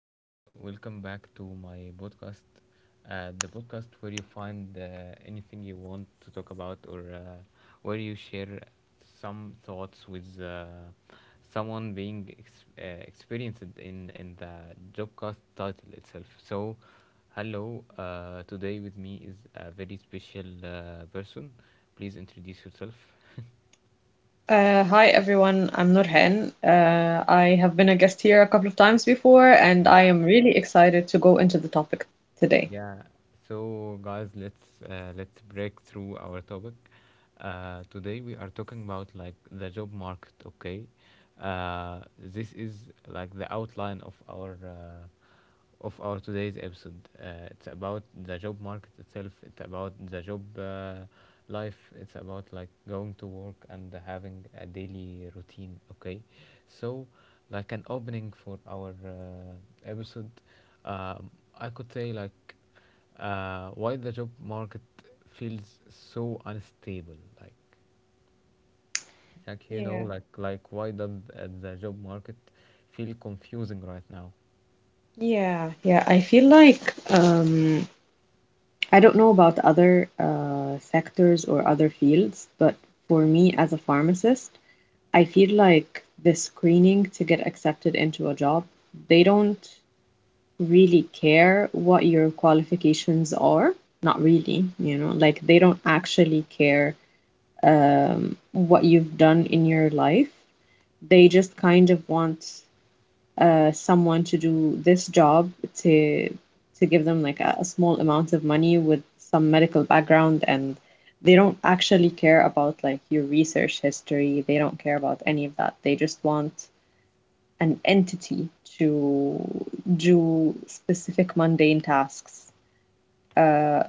and welcome back to my podcast. The podcast where you find anything you want to talk about, or where you share some thoughts with someone being experienced in the jobcast title itself. So, hello. Today with me is a very special person. Please introduce yourself. Hi everyone, I'm Nurhan. I have been a guest here a couple of times before, and I am really excited to go into the topic today. Yeah. So guys, let's break through our topic. Today we are talking about like the job market. Okay. This is like the outline of our today's episode. It's about the job market itself. It's about the job life. It's about like going to work and having a daily routine. Okay, so like an opening for our episode, um, I could say like why the job market feels so unstable. Like like you know Yeah. like like why does the job market feel confusing right now? Yeah, I feel like I don't know about other sectors or other fields, but for me as a pharmacist, I feel like the screening to get accepted into a job, they don't really care what your qualifications are. Not really, you know, like they don't actually care what you've done in your life. They just kind of want someone to do this job to to give them like a small amount of money with some medical background, and they don't actually care about like your research history. They don't care about any of that. They just want an entity to do specific mundane tasks. Uh,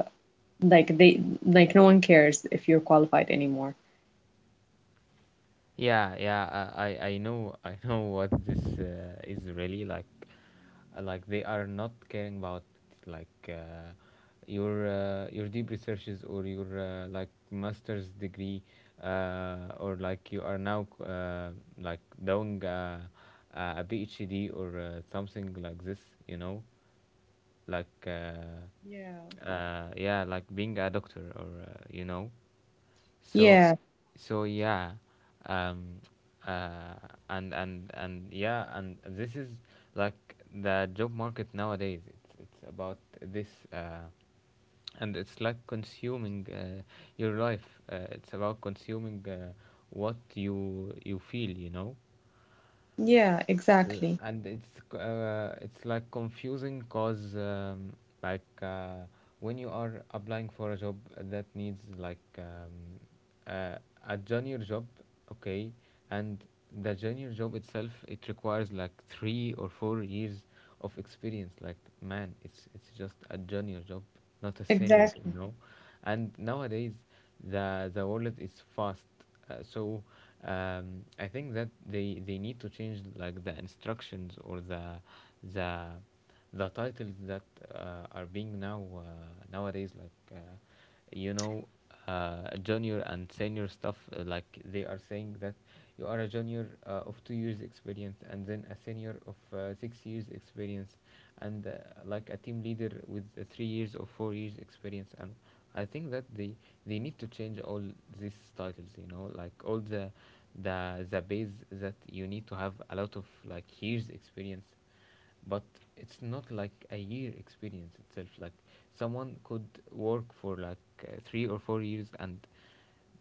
like they like no one cares if you're qualified anymore. Yeah, yeah, I know, I know what this is really like. Like they are not caring about like your deep researches or your like master's degree, or like you are now like doing a PhD or something like this. You know, like Yeah. uh, yeah, like being a doctor or you know. So, Yeah, so yeah, um, uh, and yeah, and this is like the job market nowadays. It's about this, uh, and it's like consuming your life. It's about consuming what you feel, you know. yeah, It's like confusing because like uh, when you are applying for a job that needs like uh, a junior job, okay, and the junior job itself, it requires like 3 or 4 years of experience. Like man, it's just a junior job, not a senior, Exactly. you know. And nowadays the wallet is fast, so I think that they need to change like the instructions or the the titles that are being nowadays like you know junior and senior stuff. Like they are saying that you are a junior of 2 years experience, and then a senior of 6 years experience, and like a team leader with 3 years or 4 years experience. And I think that they need to change all these titles, you know, like all the base that you need to have a lot of like years experience. But it's not like a year experience itself. Like someone could work for like 3 or 4 years and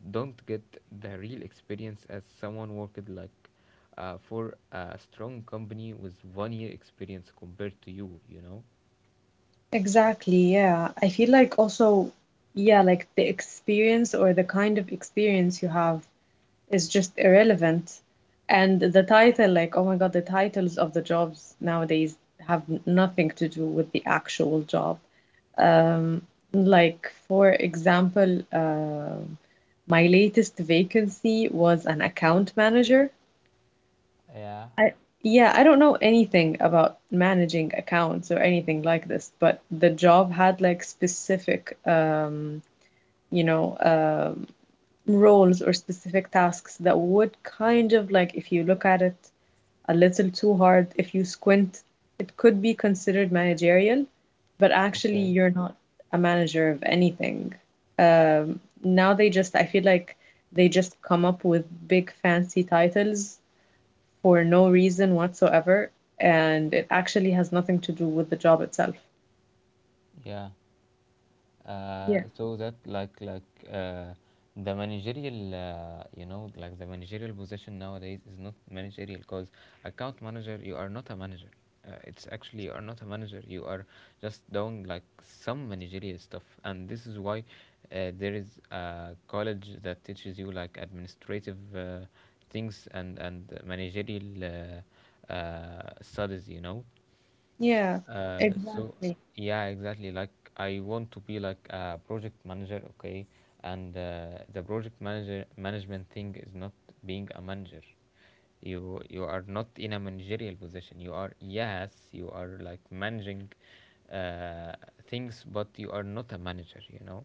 don't get the real experience as someone worked like for a strong company with 1 year experience compared to you, you know. exactly Yeah. I feel like also, yeah, like the experience or the kind of experience you have is just irrelevant. And the title, like, oh my God, the titles of the jobs nowadays have nothing to do with the actual job. Um, like, for example, my latest vacancy was an account manager. Yeah. Yeah, I don't know anything about managing accounts or anything like this, but the job had like specific, you know, roles or specific tasks that would kind of like, if you look at it a little too hard, if you squint, it could be considered managerial, but actually Okay. you're not a manager of anything. Now they just, I feel like they just come up with big fancy titles for no reason whatsoever, and it actually has nothing to do with the job itself. Yeah. Yeah, so that like uh, the managerial, you know, like the managerial position nowadays is not managerial because account manager, you are not a manager. It's actually, you are not a manager. You are just doing like some managerial stuff, and this is why there is a college that teaches you like administrative things and managerial studies, you know. yeah, So exactly, yeah, exactly. Like I want to be like a project manager, okay? And the project manager management thing is not being a manager. You are not in a managerial position. You are, yes, you are like managing uh, things, but you are not a manager. You know,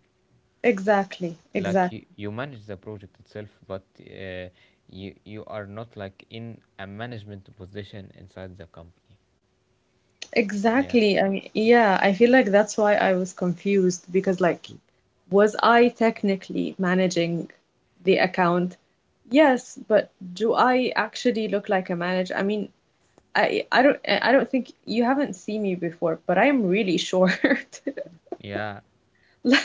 Exactly, like Exactly. you manage the project itself, but you are not like in a management position inside the company. Yeah. exactly. I mean, yeah, I feel like that's why I was confused because, like, Y- was I technically managing the account? Yes, but do I actually look like a manager? I mean, I don't think you haven't seen me before, but I'm really short. Yeah,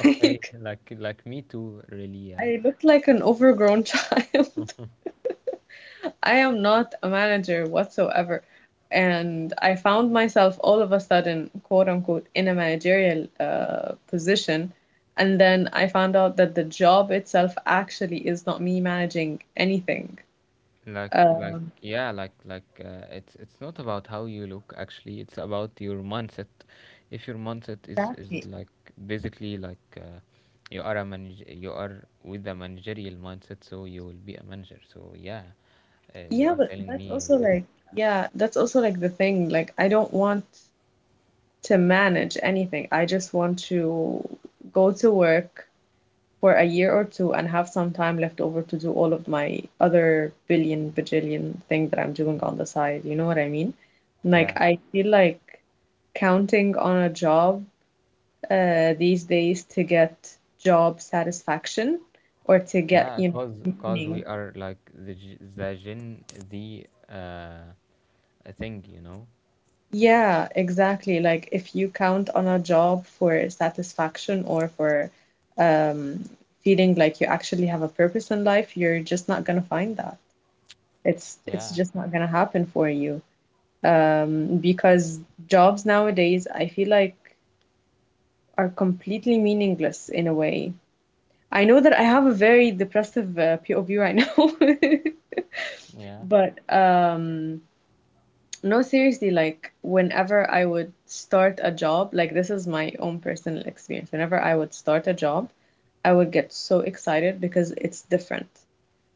okay, like me too, really. Yeah. I look like an overgrown child. I am not a manager whatsoever. And I found myself all of a sudden, quote unquote, in a managerial position. And then I found out that the job itself actually is not me managing anything. like like Um, yeah, like like uh, it's it's not about how you look actually. It's about your mindset. If your mindset is Exactly. like basically like you are with a managerial mindset, so you will be a manager. So yeah, you yeah, are but telling that's me also this. like, yeah, that's also like the thing. Like, I don't want to manage anything. I just want to go to work for a year or two and have some time left over to do all of my other billion bajillion thing that I'm doing on the side. You know what I mean? Like Yeah, I feel like counting on a job these days to get job satisfaction or to get, yeah, you know, cause cause we meaning. are like the Gen Z uh thing, you know. Yeah, exactly. Like if you count on a job for satisfaction or for um, feeling like you actually have a purpose in life, you're just not gonna find that. It's Yeah, just not gonna happen for you. Because jobs nowadays, I feel like are completely meaningless in a way. I know that I have a very depressive POV right now, yeah. but no, seriously, like whenever I would start a job, like this is my own personal experience. Whenever I would start a job, I would get so excited because it's different.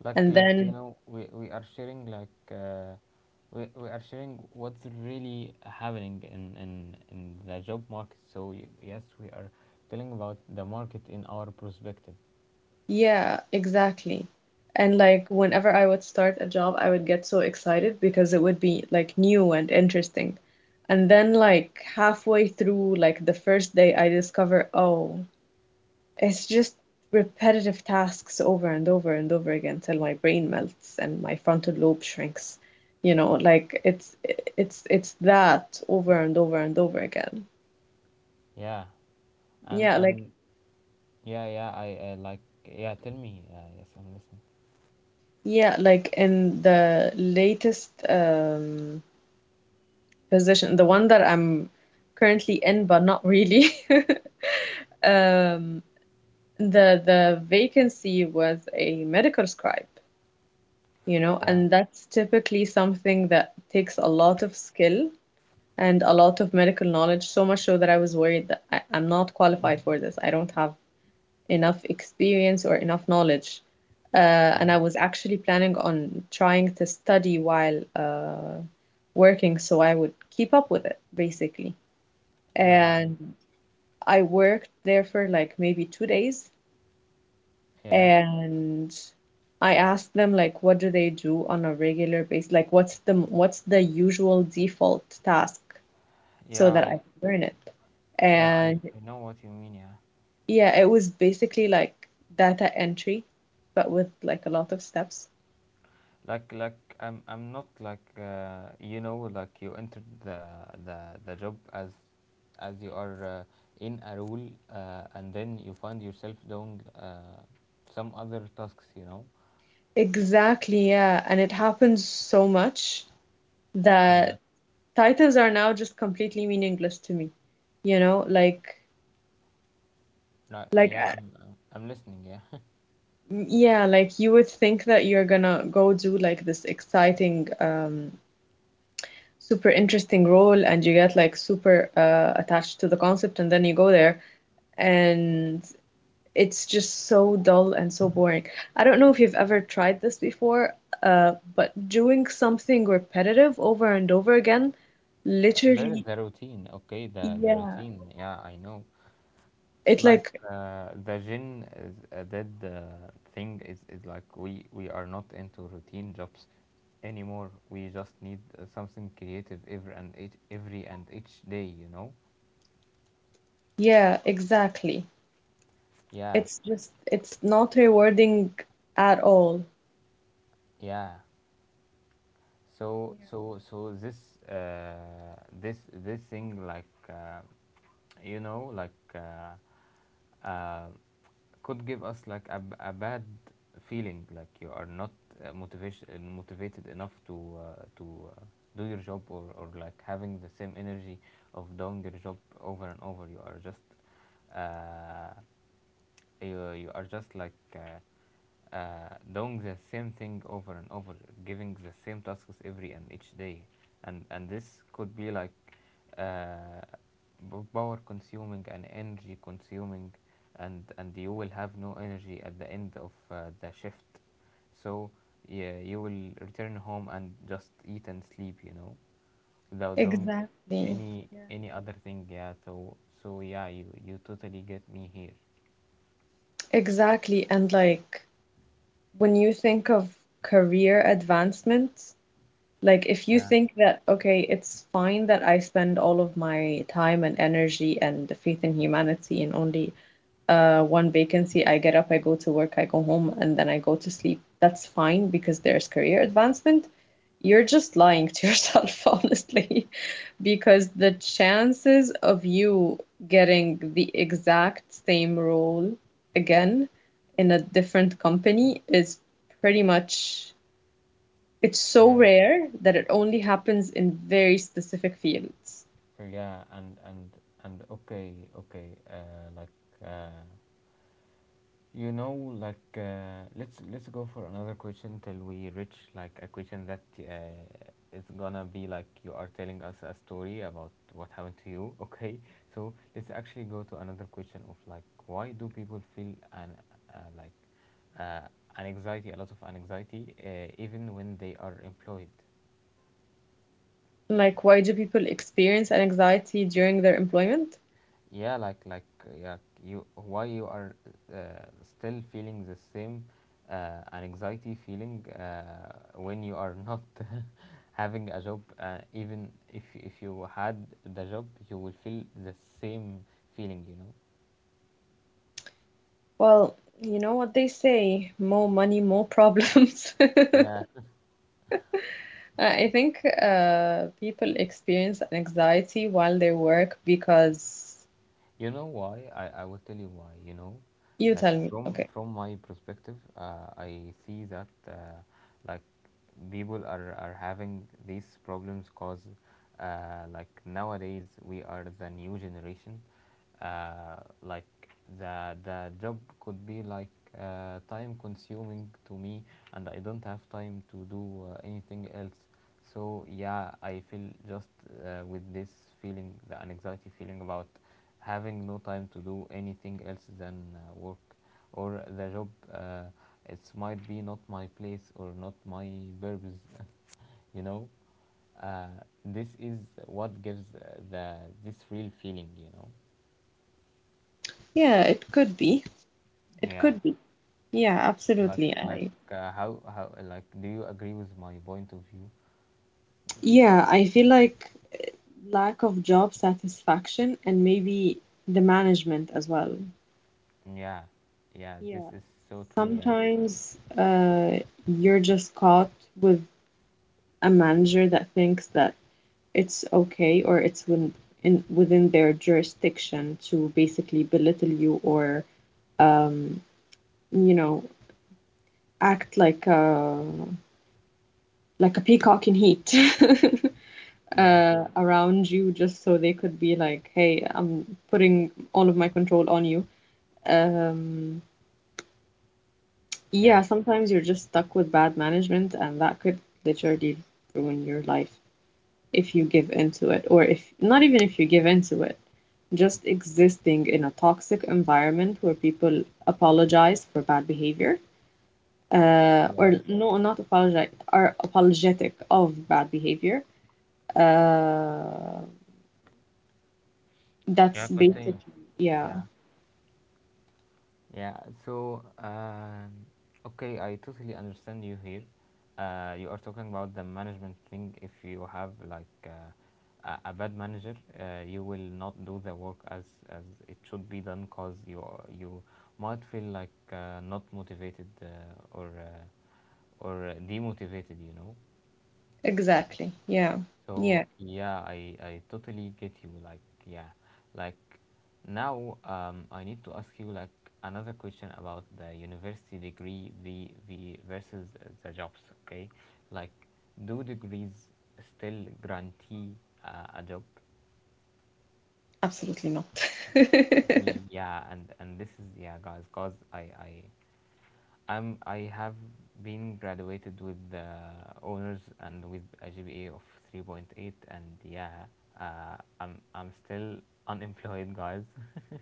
And like you then know, we are sharing like we are sharing what's really happening in the job market. So yes, we are telling about the market in our perspective. yeah, exactly. And like whenever I would start a job, I would get so excited because it would be like new and interesting. And then like halfway through like the first day, I discover, oh, it's just repetitive tasks over and over and over again till my brain melts and my frontal lobe shrinks. You know, like it's that over and over and over again. Yeah Yeah, like and yeah yeah I like yeah tell me Yes, I'm listening. yeah, like in the latest position, the one that I'm currently in, but not really. Um, the vacancy was a medical scribe, you know, Yeah and that's typically something that takes a lot of skill and a lot of medical knowledge, so much so that I was worried that I'm not qualified for this. I don't have enough experience or enough knowledge. Yeah And I was actually planning on trying to study while working so I would keep up with it, basically. yeah I, And I worked there for like maybe 2 days yeah and I asked them like what do they do on a regular basis? Like what's the usual default task yeah so that I, I can learn it? yeah And I know what you mean. Yeah. yeah, it was basically like data entry, but with like a lot of steps. Like I'm not like you know, like you entered the the job as you are in a role, and then you find yourself doing some other tasks, you know. Exactly, yeah. And it happens so much Yeah that titles are now just completely meaningless to me. You know, like no, like yeah I I'm listening. Yeah. yeah, like you would think that you're gonna go do like this exciting, super interesting role and you get like super attached to the concept and then you go there and it's just so dull and so boring. I don't know if you've ever tried this before, but doing something repetitive over and over again, There is literally, the routine, okay, the yeah, routine, yeah, I know. it like, The gin is that thing is like we are not into routine jobs anymore. We just need something creative every and each day, you know? yeah, exactly. Yeah, It's just, it's not rewarding at all. yeah. so Yeah. so so this uh, this this thing you know like uh, uh, could give us like a, a bad feeling, like you are not motivation motivated enough to do your job, or like having the same energy of doing your job over and over. You are just uh, you are just doing the same thing over and over, giving the same tasks every and each day, and this could be like uh, power consuming and energy consuming, and you will have no energy at the end of the shift. So yeah, you will return home and just eat and sleep, you know, without doing Exactly. Any other thing. Yeah. So so yeah, you totally get me here. Exactly. And like when you think of career advancement, like if you Yeah. think that, okay, it's fine that I spend all of my time and energy and the faith in humanity in only one vacancy, I get up, I go to work, I go home, and then I go to sleep. That's fine because there's career advancement. You're just lying to yourself, honestly, because the chances of you getting the exact same role again in a different company is pretty much, it's so rare that it only happens in very specific fields. yeah and and and okay, okay, uh, you know, let's go for another question till we reach like a question that it's gonna be like you are telling us a story about what happened to you. Okay, so let's actually go to another question of like why do people feel uh, like uh, an anxiety, a lot of anxiety, even when they are employed. Like, why do people experience anxiety during their employment? yeah like like uh, yeah you, why you are uh, still feeling the same anxiety feeling when you are not having a job? Even if you had the job, you will feel the same feeling, you know. Well, you know what they say, more money, more problems. Yeah. I think people experience anxiety while they work because You know why? I will tell you why. You know, you like tell me, okay. from my perspective, I see that like people are having these problems cause like nowadays we are the new generation. Like the job could be like time consuming to me, and I don't have time to do anything else. So yeah, I feel just with this feeling, the anxiety feeling about having no time to do anything else than work or the job, uh, it might be not my place or not my purpose. You know, uh, this is what gives the this real feeling, you know. Yeah, it could be. It yeah could be. Yeah, like absolutely. like I how, like do you agree with my point of view? yeah, I feel like lack of job satisfaction and maybe the management as well. Yeah. Yeah, this Yeah. is so true. Yeah. Sometimes you're just caught with a manager that thinks that it's okay or it's within, within their jurisdiction to basically belittle you or, um, you know, act like like a peacock in heat Yeah. Around you just so they could be like, hey, I'm putting all of my control on you. Um, yeah, Yeah. sometimes you're just stuck with bad management and that could literally ruin your life. If you give into it, or if not even if you give into it, just existing in a toxic environment where people apologize for bad behavior, or Yeah, no, not apologize, are apologetic of bad behavior. Uh, that's yeah continue. basically, yeah. Yeah. Yeah, so okay, I totally understand you here. You are talking about the management thing. If you have like a bad manager, you will not do the work as it should be done, cause you might feel like not motivated or uh, or demotivated, you know. Exactly. Yeah. So Yeah. yeah, I totally get you. Like yeah, like now I need to ask you like another question about the university degree, the versus the jobs. Okay, like do degrees still guarantee a job? Absolutely not. Yeah, and this is, yeah guys, cause I have been graduated with honors and with a GPA of 3.8, and yeah, I'm still unemployed, guys.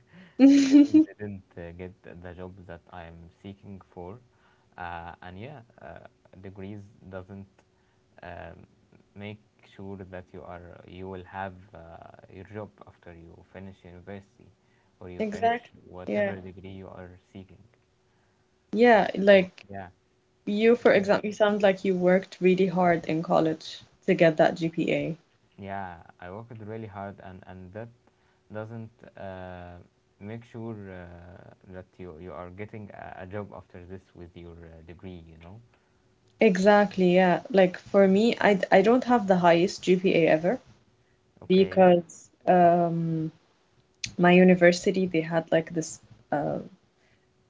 Still didn't get the job that I'm seeking for, and yeah, degrees doesn't um, make sure that you are, you will have your job after you finish university or you finish Exactly. Yeah. whatever degree you are seeking. Yeah. So Like yeah, you, for tell me. example, you sound like you worked really hard in college to get that GPA. Yeah, I worked really hard, and that doesn't uh, make sure that you are getting a job after this with your degree. You know. Exactly, yeah. Like for me, I don't have the highest GPA ever Okay. because my university they had like this uh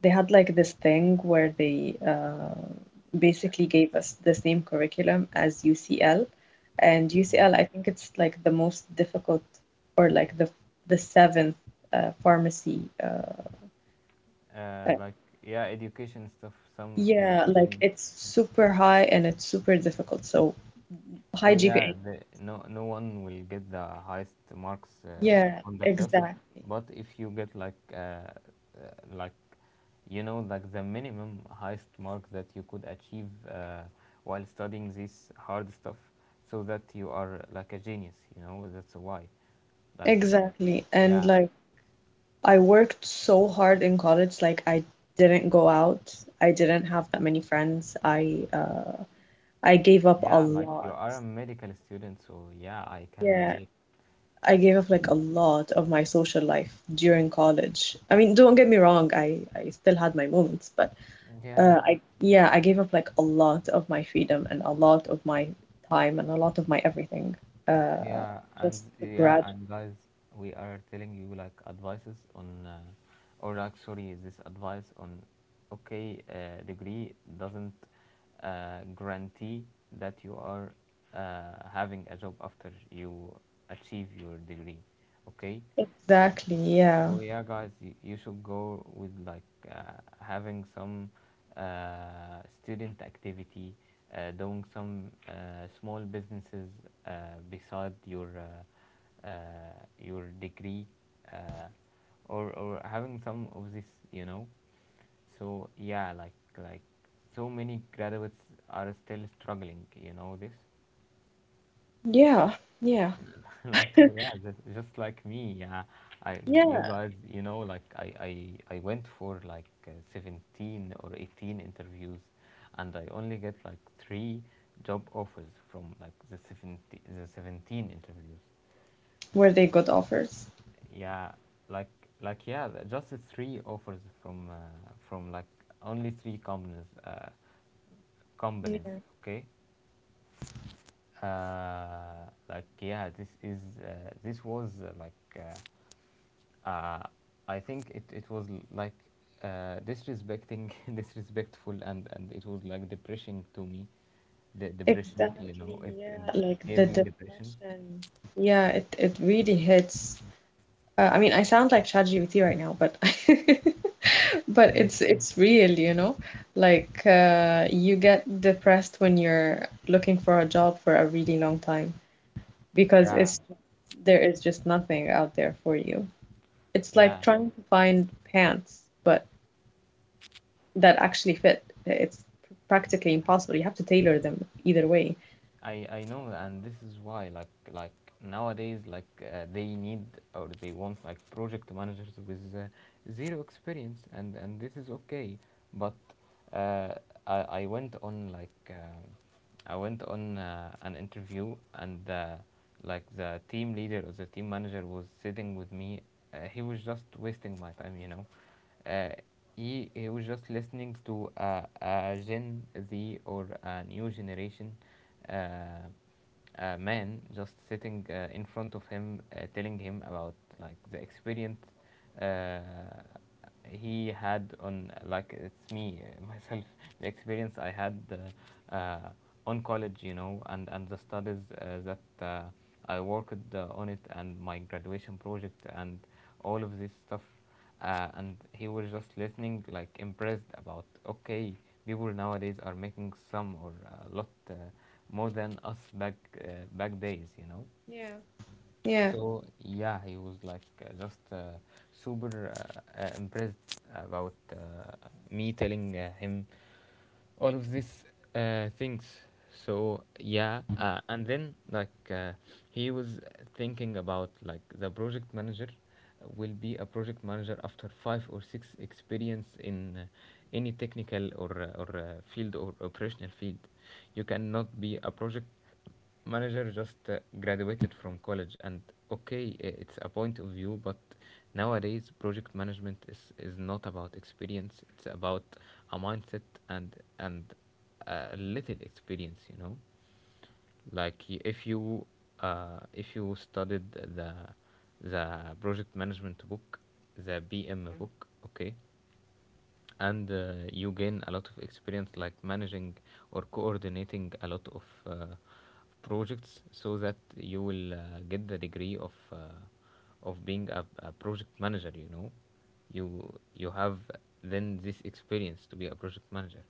they had like this thing where they basically gave us the same curriculum as UCL, and Yeah. UCL I think it's like the most difficult or like the seventh pharmacy uh, Like yeah, education stuff. Some yeah, like education. it's super high and it's super difficult. So high So yeah, GPA. No one will get the highest marks Yeah, on the class, exactly. but if you get like you know like the minimum highest mark that you could achieve while studying this hard stuff, so that you are like a genius, you know that's why. Like Exactly. And yeah, like I worked so hard in college, like I didn't go out. I didn't have that many friends. I gave up a yeah like you lot. are a medical student, so yeah I can Yeah, relate. I gave up like a lot of my social life during college. I mean, don't get me wrong, I still had my moments, but Yeah. I yeah, I gave up like a lot of my freedom and a lot of my time and a lot of my everything. Uh, Yeah, and just to yeah, grad. and guys, we are telling you like advices on, or like sorry, this advice on, okay, degree doesn't guarantee that you are having a job after you achieve your degree, okay? Exactly. So Yeah. yeah, guys, you should go with like having some student activity, doing some small businesses beside your degree, uh, or having some of this, you know. So yeah, like so many graduates are still struggling, you know this. Yeah. Yeah. Yeah just like me. Yeah, I you Yeah. guys you know like I went for like 17 or 18 interviews and I only get like three job offers from like the 70 the 17 interviews. Were they good offers? Yeah, like like just the three offers from like only three companies companies. Yeah, Okay, like yeah, this is uh, this was like uh, I think it was like disrespecting, disrespectful, and, it was like depressing to me. The depression, you exactly. know, it Yeah. Like the gave me depression. depression. Yeah. It really hits. I mean, I sound like ChatGPT right now, but but Yeah. it's real, you know. Like you get depressed when you're looking for a job for a really long time. Because Yeah, it's there is just nothing out there for you. It's like yeah. trying to find pants, but that actually fit. It's practically impossible. You have to tailor them either way. I know, and this is why like nowadays like they need or they want like project managers with zero experience, and this is okay. But uh, I went on like I went on an interview. And. Like the team leader or the team manager was sitting with me. He was just wasting my time, you know. Uh, he was just listening to a Gen Z or a new generation uh, a man just sitting in front of him, telling him about like the experience uh, he had on like it's me myself, the experience I had on college, you know, and the studies that I worked on it, and my graduation project and all of this stuff. And he was just listening like impressed about, okay, people nowadays are making some or a lot more than us uh, back days, you know. Yeah. Yeah. So yeah, he was like just super impressed about me telling him all of these things. So yeah, and then like he was thinking about like the project manager will be a project manager after five or six experience in any technical or field or operational field. You cannot be a project manager just graduated from college, and okay, it's a point of view, but nowadays project management is not about experience, it's about a mindset and a little experience, you know. Like if you studied the project management book, the bm book, okay, and you gain a lot of experience like managing or coordinating a lot of projects, so that you will get the degree of being a project manager, you know. you you have then this experience to be a project manager,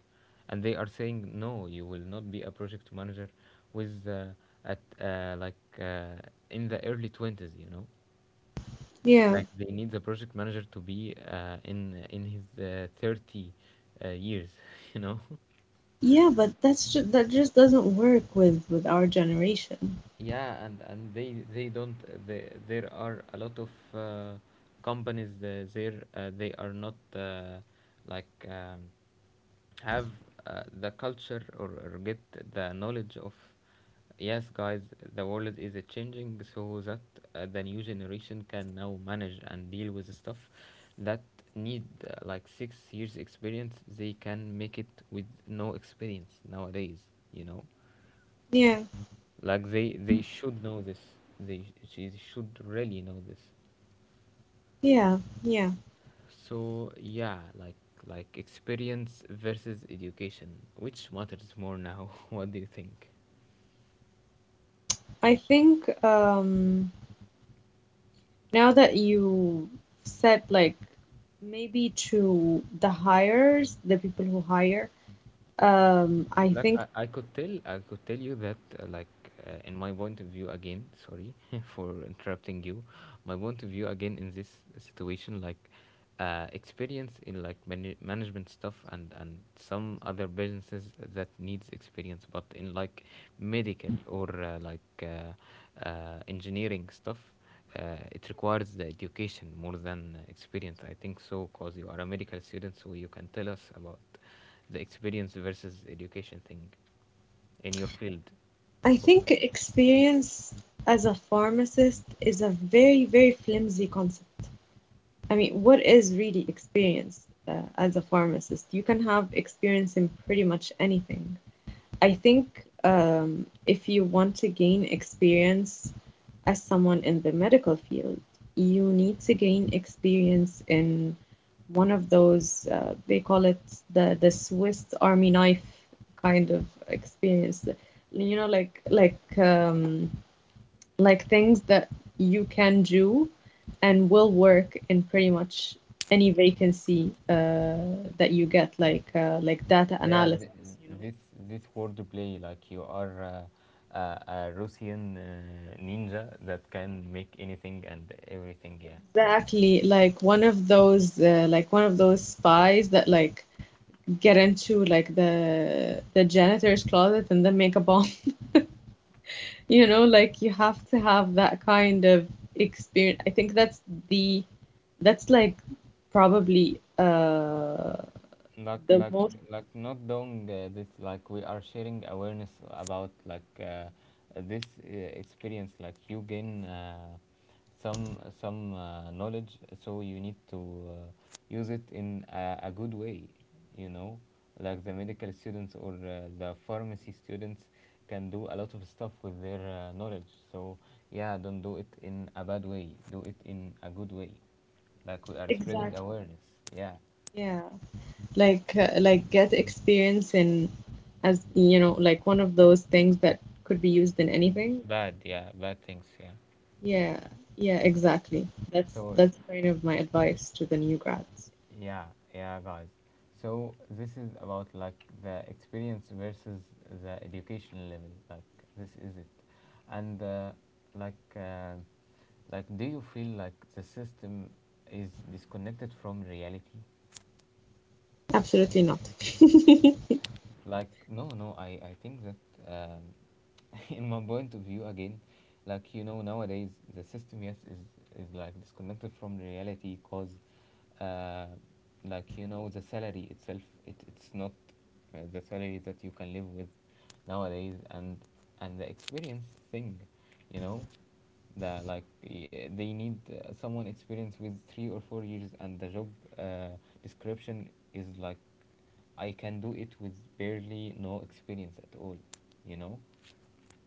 and they are saying no, you will not be a project manager with at like in the early twenties, you know. Yeah. Like they need the project manager to be in his 30 years you know. Yeah, but that's just that just doesn't work with our generation. Yeah, and they don't they, there are a lot of companies there they are not like have the culture, or get the knowledge of, yes guys, the world is changing, so that the new generation can now manage and deal with the stuff that need like 6 years experience. They can make it with no experience nowadays, you know. Yeah. Like they should know this. They she should really know this. Yeah, yeah. So yeah, like experience versus education, which matters more now? What do you think? I think now that you said like maybe to the hires, the people who hire, um I Like think I could tell, I could tell you that like in my point of view again, sorry for interrupting you, my point of view again in this situation, like experience in like management stuff and some other businesses that needs experience, but in like medical or like engineering stuff, it requires the education more than experience, I think, so because you are a medical student, so you can tell us about the experience versus education thing in your field, I of course. think experience as a pharmacist is a very, very flimsy concept. I mean, what is really experience as a pharmacist? You can have experience in pretty much anything. I think if you want to gain experience as someone in the medical field, you need to gain experience in one of those, they call it the Swiss Army knife kind of experience. You know, like things that you can do and will work in pretty much any vacancy that you get, like data Yeah, analysis, you know. this this wordplay, like you are a Russian ninja that can make anything and everything. Yeah, Exactly, like one of those like one of those spies that like get into like the janitor's closet and then make a bomb. You know, like you have to have that kind of experience. I think the that's like probably uh like the like most not doing this, like we are sharing awareness about like this experience, like you gain some knowledge, so you need to use it in a good way, you know. Like the medical students or the pharmacy students can do a lot of stuff with their knowledge. So yeah, don't do it in a bad way, do it in a good way. Like we are spreading Exactly. awareness. Yeah. Yeah. Like like get experience in as you know like one of those things that could be used in anything. Bad, yeah, bad things, yeah. Yeah, yeah, So, exactly. that's so that's kind of my advice to the new grads. yeah, yeah, guys, so this is about like the experience versus the education level. Like this is it, and like uh, like do you feel like the system is disconnected from reality? Absolutely not. Like no, no, i think that, um, in my point of view again, like you know nowadays the system, yes, is like disconnected from reality, cause uh, like you know the salary itself, it's not the salary that you can live with nowadays, and the experience thing, you know. The like They need someone experienced with 3 or 4 years, and the job uh, description is like I can do it with barely no experience at all, you know?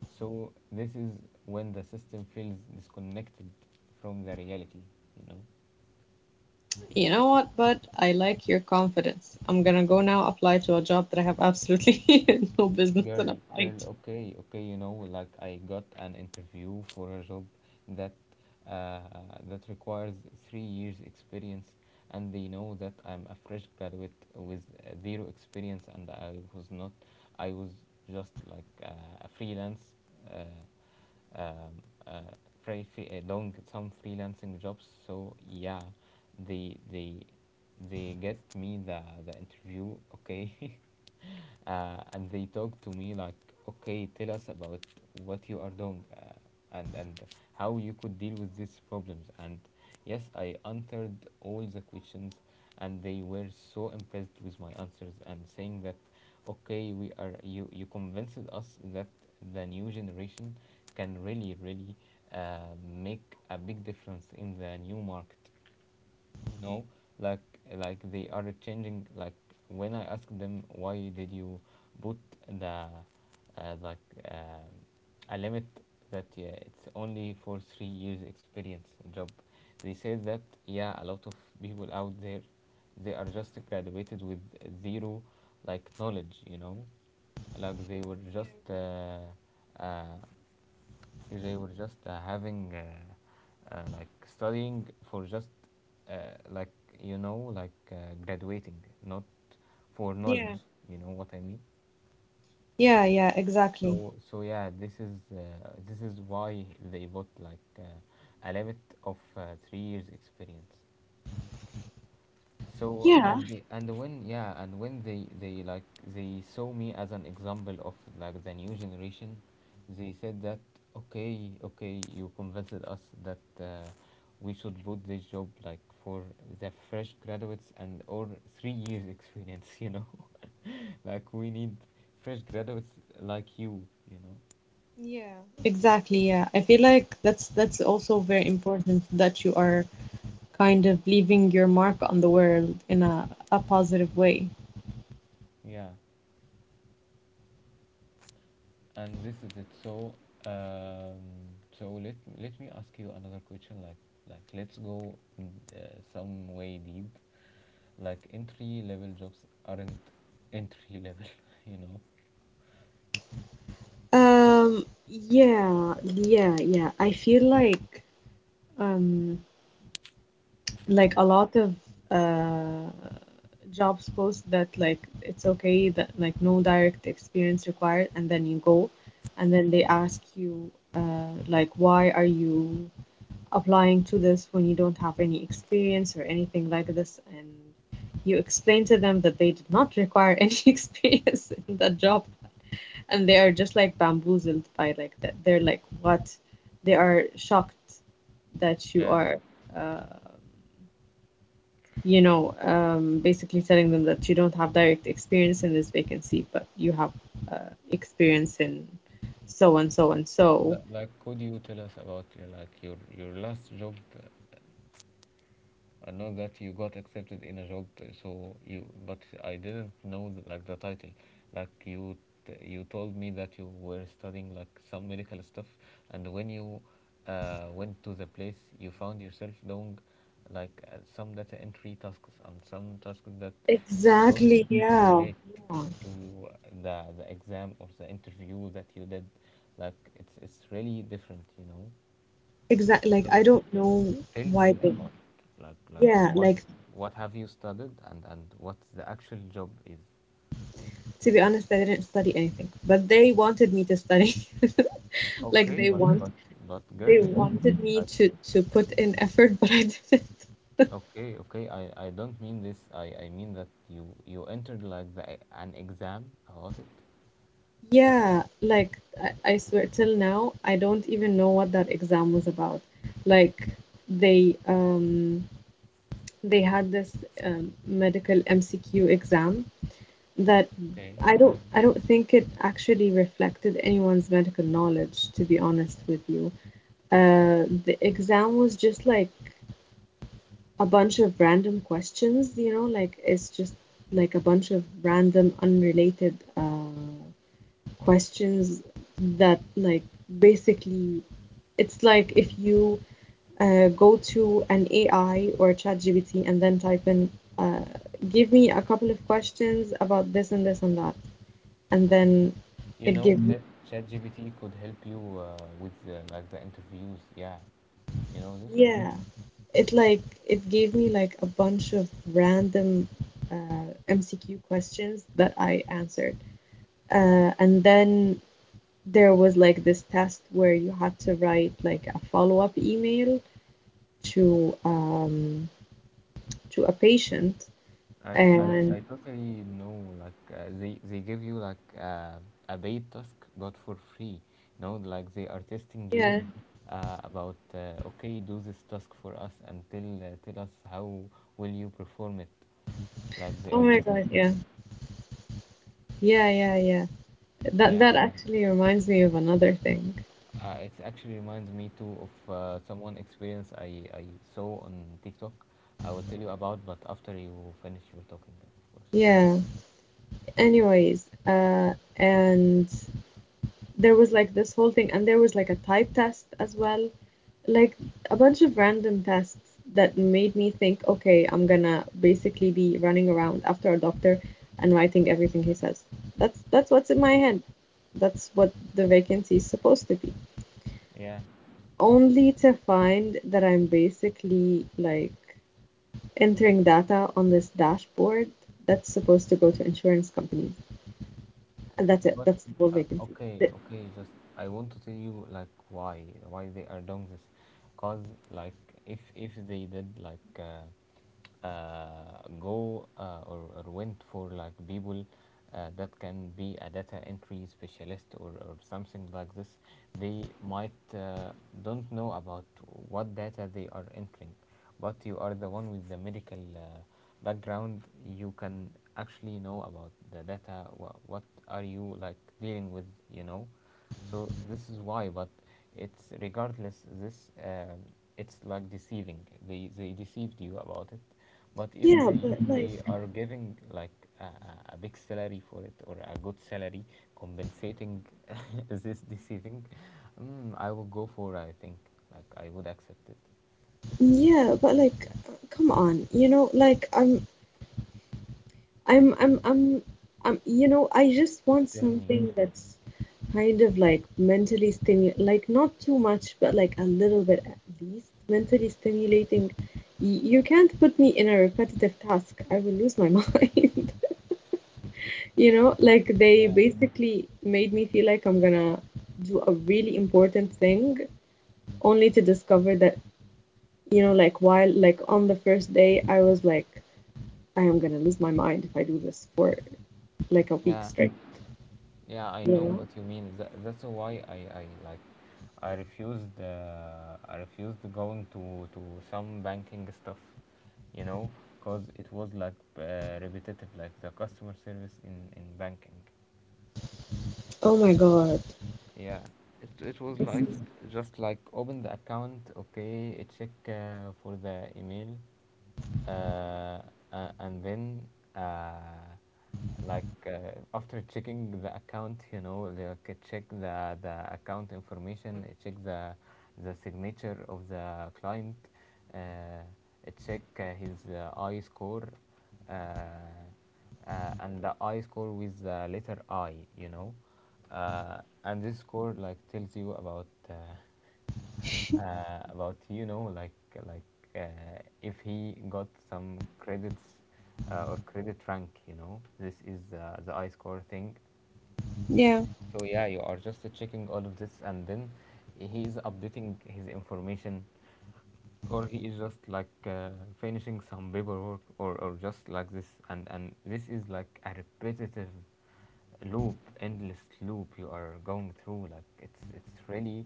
So this is when the system feels disconnected from the reality, you know? You know what, but I like your confidence. I'm gonna go now apply to a job that I have absolutely no business in Girl, applying girl, to. okay, okay, you know, like I got an interview for a job that uh, that requires 3 years experience, and they know that I'm a fresh graduate with zero experience, and I was not, I was just like a freelance uh, um, uh, free, long some freelancing jobs. So yeah, they they get me the interview. Okay, and they talk to me like, okay, tell us about what you are doing and how you could deal with these problems. And yes, I answered all the questions, and they were so impressed with my answers and saying that, okay, we are, you convinced us that the new generation can really really make a big difference in the new market, you know. like like they are changing. Like when I ask them, why did you put the like um a limit, that yeah, it's only for 3 years experience job, they said that yeah, a lot of people out there, they are just graduated with zero like knowledge, you know. Like they were just uh, having, like, studying for just, uh, like, you know, like graduating, not for Yeah, knowledge. You know what I mean? yeah, yeah, exactly. So yeah, this is why they bought like a limit of 3 years experience. So Yeah, and and when, yeah, and when they like they saw me as an example of like the new generation, they said that, okay, okay, you convinced us that we should put this job like for the fresh graduates and or 3 years experience you know. Like we need fresh graduates like you know. yeah, exactly. Yeah, I feel like that's also very important that you are kind of leaving your mark on the world in a positive way. Yeah, and this is it. So um so let me ask you another question, like let's go uh, some way deep, like entry level jobs aren't entry level you know. Yeah, yeah, yeah. I feel um like a lot of uh jobs post that like it's okay that like no direct experience required, and then you go and then they ask you like why are you applying to this when you don't have any experience or anything like this, and you explain to them that they did not require any experience in that job, and they are just like bamboozled by like that they're like what, they are shocked that you Yeah. are uh, you know, basically telling them that you don't have direct experience in this vacancy but you have experience in so and so and so. Like could you tell us about like your last job? I know that you got accepted in a job, so you. But I didn't know like the title. Like you told me that you were studying like some medical stuff, and when you went to the place, you found yourself doing like some data entry tasks and some tasks that don't Exactly, yeah. relate Yeah. to the exam or the interview that you did. Like it's really different, you know. Exactly. Like, I So don't know tell why me they, about it. Like yeah, like, what have you studied and what the actual job is? to be honest, I didn't study anything, but they wanted me to study. Like, Okay, they but want, but girl, they you, wanted me like, to put in effort, but I didn't. okay, okay. I don't mean this. I mean that you entered like an exam about it. Yeah, like, I swear till now, I don't even know what that exam was about. Like, they um they had this medical MCQ exam that Okay. I don't think it actually reflected anyone's medical knowledge, to be honest with you. The exam was just like a bunch of random questions, you know, like it's just like a bunch of random unrelated questions that like basically it's like if you go to an AI or ChatGPT and then type in, uh, give me a couple of questions about this and this and that, and then You it know, gave me, ChatGPT could help you with like the interviews. Yeah, you know this. yeah, it like it gave me like a bunch of random MCQ questions that I answered, and then there was like this test where you had to write like a follow-up email to um, to a patient, I, I, and I totally know like they give you like a paid task but for free, you know, like they are testing you yeah, about, okay, do this task for us and tell, tell us how will you perform it, like they oh are my testing. god, Yeah, yeah, yeah, yeah, yeah, that yeah. that actually reminds me of another thing. It actually reminds me too of someone experience I saw on TikTok. I will tell you about, but after you finish your talking, of course. Yeah, anyways, and there was like this whole thing, and there was like a type test as well, like a bunch of random tests that made me think, okay, I'm gonna basically be running around after a doctor and writing everything he says. That's what's in my head, that's what the vacancy is supposed to be, Yeah. only to find that I'm basically like entering data on this dashboard that's supposed to go to insurance companies, and that's it, But that's the whole vacancy. okay, okay, just I want to tell you like why they are doing this, cause like if they did like go or went for like people that can be a data entry specialist or something like this, they might, don't know about what data they are entering. But you are the one with the medical background, you can actually know about the data wha- what are you like dealing with, you know. So this is why. But it's regardless, this it's like deceiving. They deceived you about it. But if Yeah, they but like, they are giving like a, a a big salary for it, or a good salary compensating this deceiving, I would go for, I think, like I would accept it. yeah, but like, come on, you know, like I'm, I'm, I'm, I'm, you know, I just want Tell me something that's kind of like mentally stimu, like not too much, but like a little bit at least mentally stimulating. Y- You can't put me in a repetitive task. I will lose my mind. You know, like they yeah, basically made me feel like I'm gonna do a really important thing, only to discover that, you know, like while like on the first day, I was like, I am gonna lose my mind if I do this for like a week yeah, straight. yeah. I Yeah. know what you mean. That's why I like, I refused. I refused going to some banking stuff, you know, because it was like repetitive, like the customer service in banking. Oh my God. Yeah, it was This like just like open the account, okay, check for the email, uh, and then uh, like after checking the account, you know, like check the account information, check the signature of the client, check his I score, uh, and the I score with the letter I, you know, uh, and this score like tells you about is about, you know, like if he got some credits or credit rank, you know, this is the I score thing. yeah, So yeah, you are just checking all of this, and then he is updating his information, or he is just like finishing some paperwork, or just like this, and this is like a repetitive loop, endless loop you are going through. Like it's really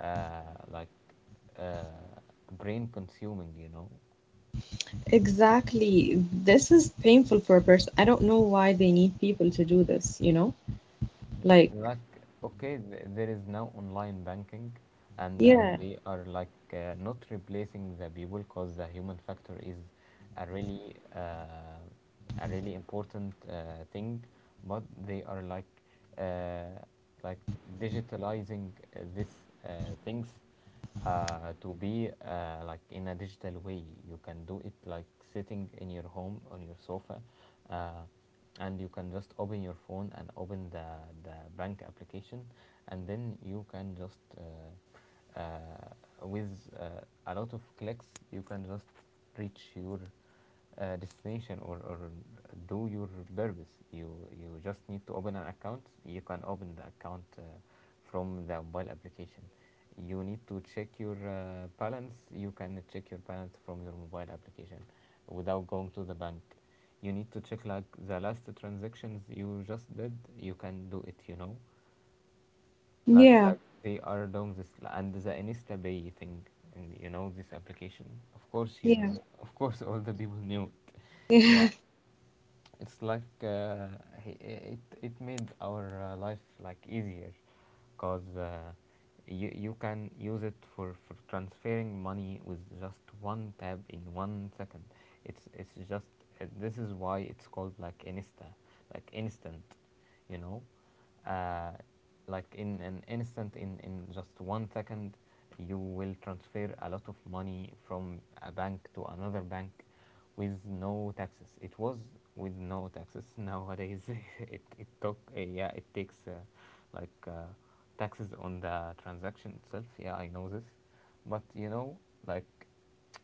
like uh, brain consuming, you know. exactly. This is painful for a person. I don't know why they need people to do this, you know? Like, Like okay, th- there is now online banking, and yeah, they are like not replacing the people because the human factor is a really uh, a really important thing, but they are uh, like digitalizing this uh, things to be like in a digital way. You can do it like sitting in your home on your sofa, uh, and you can just open your phone and open the bank application, and then you can just with uh, a lot of clicks you can just reach your destination or do your purpose. You just need to open an account. You can open the account from the mobile application. You need to check your balance. You can check your balance from your mobile application without going to the bank. You need to check like the last transactions you just did. You can do it. You know, yeah, like they are doing this, and the InstaPay thing, and you know this application. Of course you yeah, know, of course all the people knew it. yeah, Yeah, it's like it it made our life like easier, because you, you can use it for transferring money with just one tab in 1 second. It's just this is why it's called like insta, like instant, you know, uh, like in an instant, in just 1 second, you will transfer a lot of money from a bank to another bank with no taxes. It was with no taxes. Nowadays it took yeah, it takes like taxes on the transaction itself, yeah, I know this. But you know, like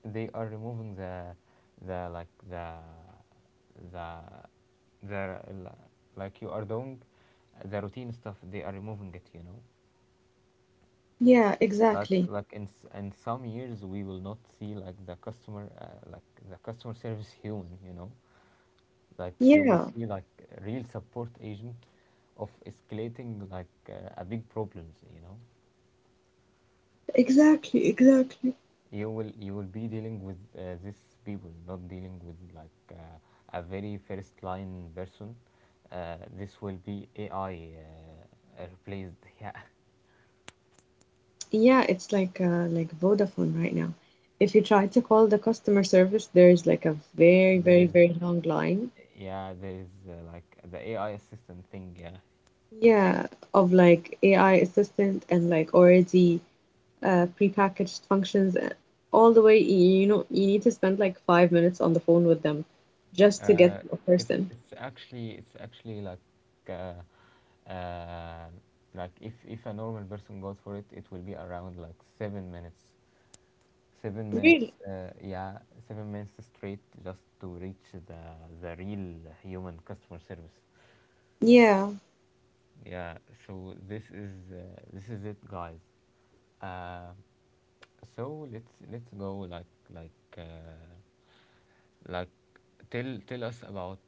they are removing the like the the like you are doing the routine stuff, they are removing it, you know. yeah, like exactly. like in s- in some years, we will not see like the customer service human, you know. Like you will Yeah, see like a real support agent of escalating like a big problems, you know. exactly, exactly. You, will you will be dealing with these people, not dealing with like a very first line person. This will be AI, replaced. Yeah, Yeah, it's like Vodafone right now. If you try to call the customer service, there's like a very, there very, is, very long line, yeah, there is like the AI assistant thing, yeah. yeah, of like AI assistant and like already prepackaged functions, and all the way, y- you know, you need to spend like five minutes on the phone with them just to uh, get to a person. It's actually uh, uh, like if a normal person goes for it, it will be around like 7 minutes. Seven Really? minutes, yeah, 7 minutes straight just to reach the real human customer service. Yeah. Yeah, so this is it, guys. Uh, so let's go like tell us about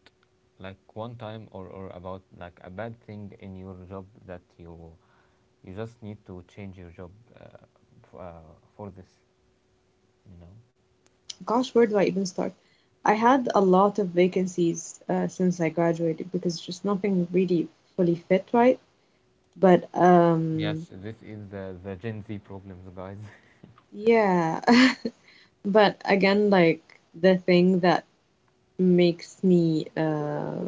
like one time, or about like a bad thing in your job that you just need to change your job uh, for this, you know. Gosh, where do I even start? I had a lot of vacancies since I graduated because just nothing really fully fit right. But Yes, this is the Gen Z problems, guys. yeah. But again, like the thing that makes me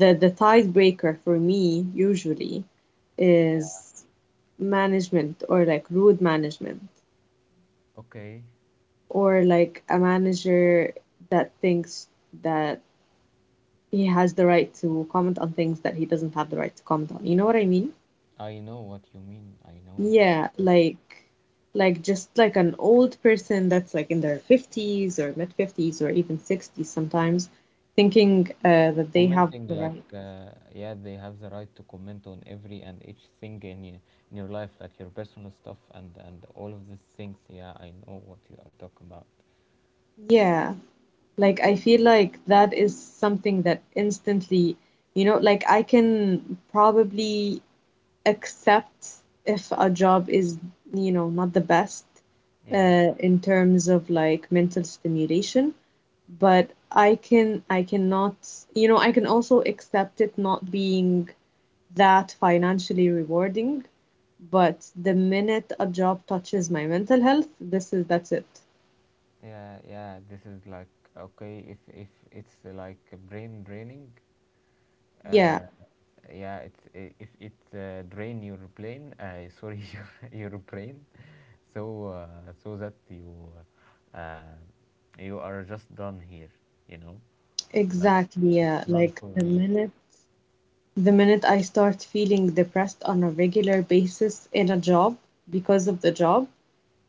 the tiebreaker for me usually is management or like rude management, Okay, or like a manager that thinks that he has the right to comment on things that he doesn't have the right to comment on. You know what I mean? I know what you mean. I know. Yeah, It's like just like an old person that's like in their 50s or mid 50s or even 60s sometimes thinking that they have commenting the like, right. Yeah, they have the right to comment on every and each thing in, y- in your life, like your personal stuff and all of these things. Yeah, I know what you are talking about. Yeah. Like I feel like that is something that instantly, you know, like I can probably accept if a job is, you know, not the best Yeah, in terms of like mental stimulation, but I can, I cannot, you know, I can also accept it not being that financially rewarding, but the minute a job touches my mental health, this is, that's it. yeah, yeah. This is like okay, if it's like brain draining. Yeah, Uh, yeah, it's it drain your brain, sorry, your brain, so so that you uh, you are just done here, you know. Like exactly. it's Yeah, done like for the me. minute, the minute I start feeling depressed on a regular basis in a job because of the job,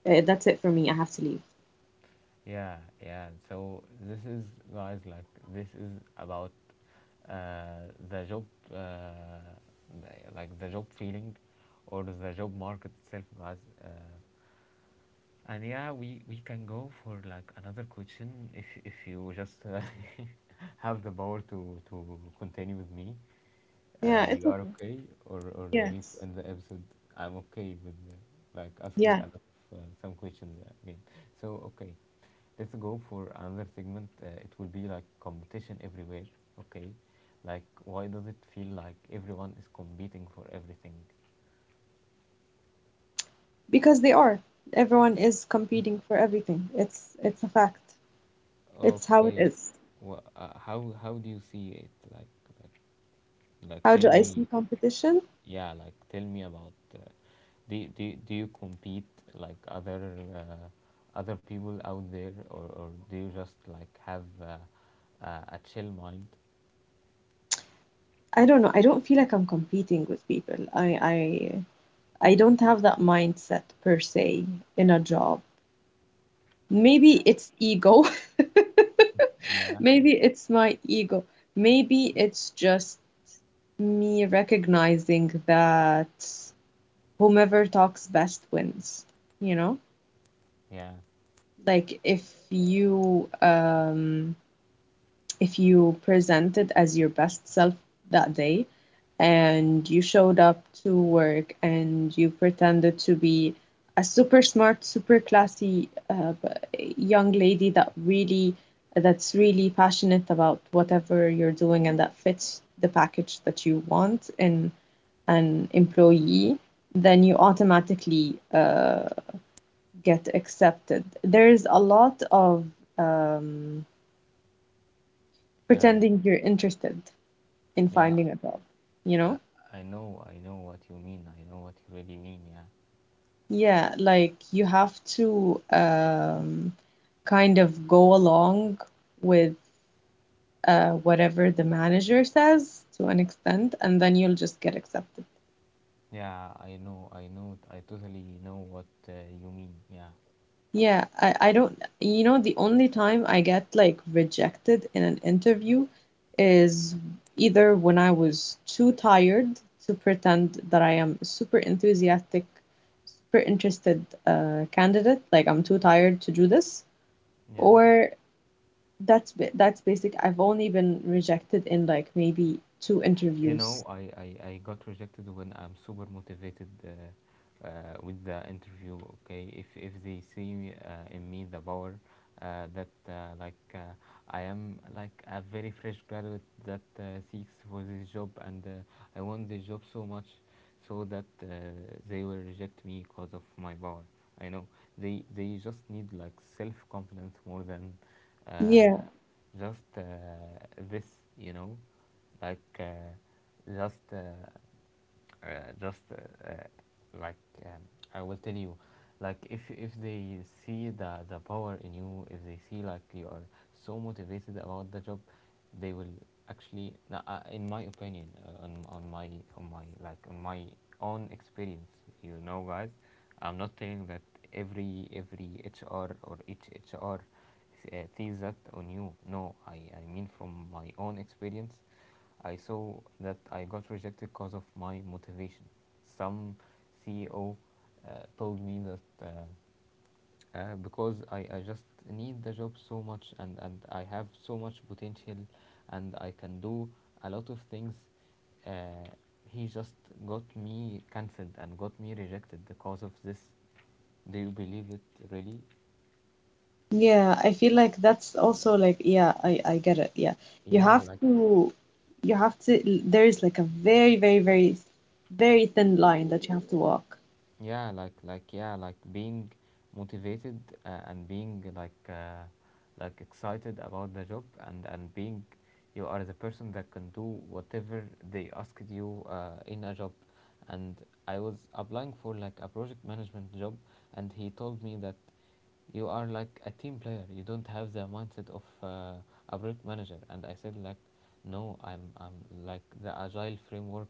that's it for me. I have to leave. Yeah, yeah, so this is, guys, like this is about the job, uh, like the job feeling, or the job market itself, guys. uh, And yeah, we can go for like another question if you just have the power to continue with me. Yeah, it's You are okay. okay, or you need to Yes. end the episode. I'm okay with like asking Yeah, a lot of some questions again. So okay, let's go for another segment. It will be like competition everywhere. Okay, like why does it feel like everyone is competing for everything? because they are. Everyone is competing for everything. It's a fact. It's how it Okay, is. well, how do you see it? Like like, How tell do I see me, competition? yeah, like tell me about do, do, do you compete like other other people out there, or do you just like have a chill mind? I don't know. I don't feel like I'm competing with people. I I don't have that mindset per se in a job. Maybe it's ego. Yeah, Maybe it's my ego. Maybe it's just me recognizing that whomever talks best wins, you know? yeah, Like if you presented as your best self that day and you showed up to work and you pretended to be a super smart, super classy young lady that really that's really passionate about whatever you're doing and that fits the package that you want in an employee, then you automatically get accepted. There's a lot of um, uh, pretending you're interested in yeah. finding a job, you I, know? I know what you mean. I know what you really mean. Yeah, Yeah, like you have to kind of go along with whatever the manager says to an extent, and then you'll just get accepted. yeah. I know, I know. I totally know what you mean. Yeah, Yeah, I don't, you know, the only time I get like rejected in an interview is either when I was too tired to pretend that I am a super enthusiastic, super interested candidate, like I'm too tired to do this, yeah. or that's ba- that's basic. I've only been rejected in like maybe two You interviews. know, I got rejected when I'm super motivated with the interview. Okay, if they see me, in me the power that like I am like a very fresh graduate that seeks for this job and I want this job so much, so that they will reject me because of my power. I know, they just need like self confidence more than uh, Yeah, just this, you know, like just uh, uh, just like um, I will tell you like if they see the power in you, if they see like you are so motivated about the job, they will actually, no, in my opinion, on my like on my own experience, you know, guys, I'm not saying that every HR or each HR sees that on you. No, I mean from my own experience, I saw that I got rejected because of my motivation. Some CEO told me that. Because I just need the job so much, and I have so much potential, and I can do a lot of things. Uh, he just got me cancelled and got me rejected because of this. Do you believe it really? yeah, I feel like that's also like yeah, I get it. Yeah. You Yeah, have like to, you have to, there is like a very, very, very, very thin line that you have to walk. like being motivated and being like excited about the job, and being you are the person that can do whatever they asked you in a job. And I was applying for like a project management job, and he told me that you are like a team player, you don't have the mindset of a project manager. And I said like no, I'm like the agile framework.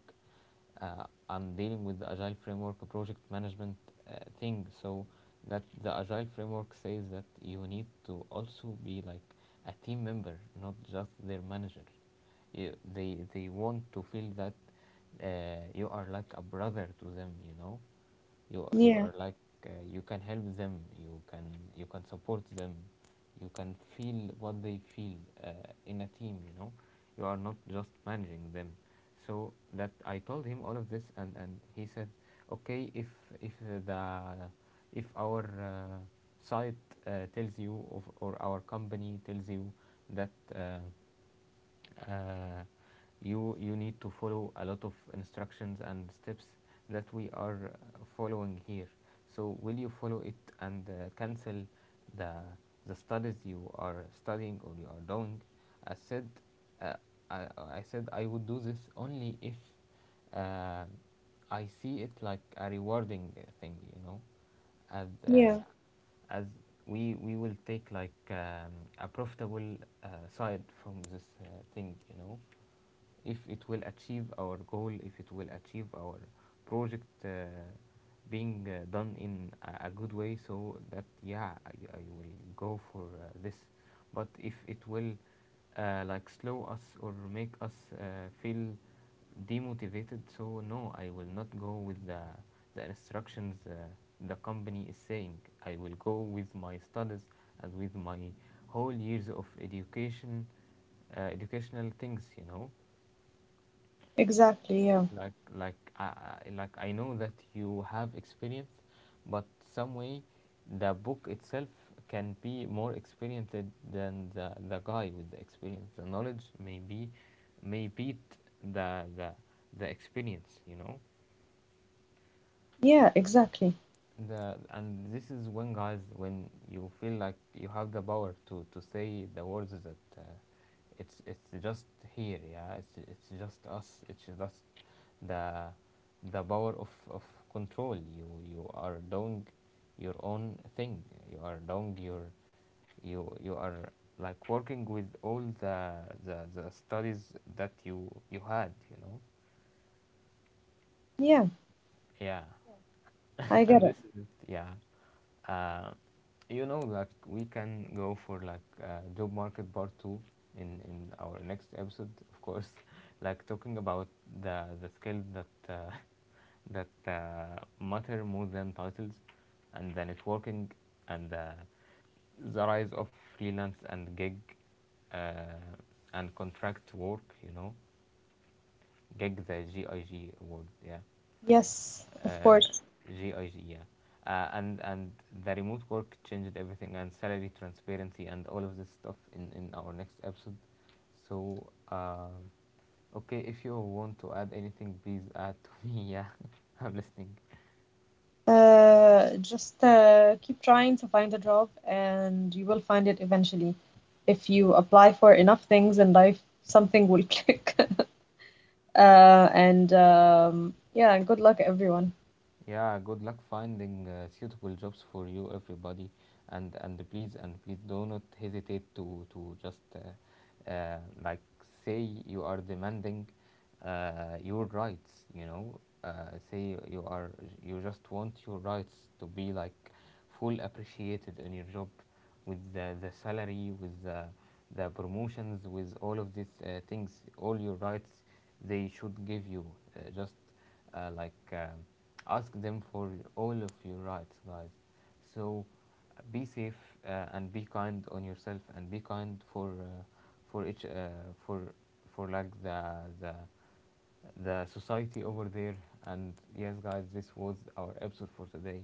I'm dealing with the agile framework, a project management thing. So that the agile framework says that you need to also be like a team member, not just their manager. They want to feel that you are like a brother to them, you know. You Yeah, are like, you can help them, you can support them, you can feel what they feel in a team, you know. You are not just managing them. So that I told him all of this, and he said okay. If if the if our site, tells you of, or our company tells you that uh, you you need to follow a lot of instructions and steps that we are following here, so will you follow it and cancel the the studies you are studying or you are doing? I said uh, I, I said I would do this only if uh, I see it like a rewarding thing, you know. As uh, as we will take like a profitable side from this thing, you know. If it will achieve our goal, if it will achieve our project being done in a good way, so that yeah, I will go for this. But if it will like slow us or make us uh, feel demotivated, so no, I will not go with the instructions the company is saying. I will go with my studies and with my whole years of education, educational things, you know. exactly. Yeah. Like like I like I know that you have experience, but some way the book itself can be more experienced than the guy with the experience. The knowledge may beat the the experience, you know. Yeah, exactly. The and this is when, guys, when you feel like you have the power to say the words that it's just here, yeah, it's just us, it's just the the power of control. You are doing your own thing, you are doing your you are like working with all the the studies that you had, you know. Yeah, Yeah. I And get it. this is it, yeah. Uh, you know, like we can go for like job market part two in our next episode, of course. Like talking about the skills that that matter more than titles, and the networking, and the rise of freelance and gig, uh, and contract work. You know, gig, the GIG word. Yeah. Yes, of uh, course. GIG, yeah. And the remote work changed everything, and salary transparency, and all of this stuff in our next episode. So okay, if you want to add anything, please add to me. Yeah. I'm listening. Just keep trying to find a job and you will find it eventually. If you apply for enough things in life, something will click. And yeah, and good luck, everyone. Yeah, good luck finding suitable jobs for you, everybody, and please do not hesitate to just like say you are demanding your rights. You know, uh, say you are, you just want your rights to be like full appreciated in your job, with the salary, with the promotions, with all of these things, all your rights they should give you. Just uh, like uh, ask them for all of your rights, guys. So be safe, and be kind on yourself, and be kind for each for for like the the society over there. And yes, guys, this was our episode for today.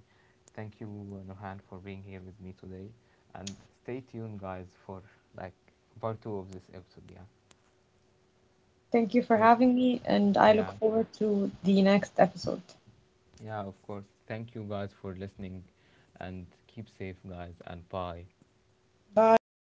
Thank you, Nurhan, for being here with me today. And stay tuned, guys, for like part two of this episode. Yeah. Thank you for So, having me, and I look yeah, forward to the next episode. yeah, of course. Thank you, guys, for listening. And keep safe, guys, and bye. Bye.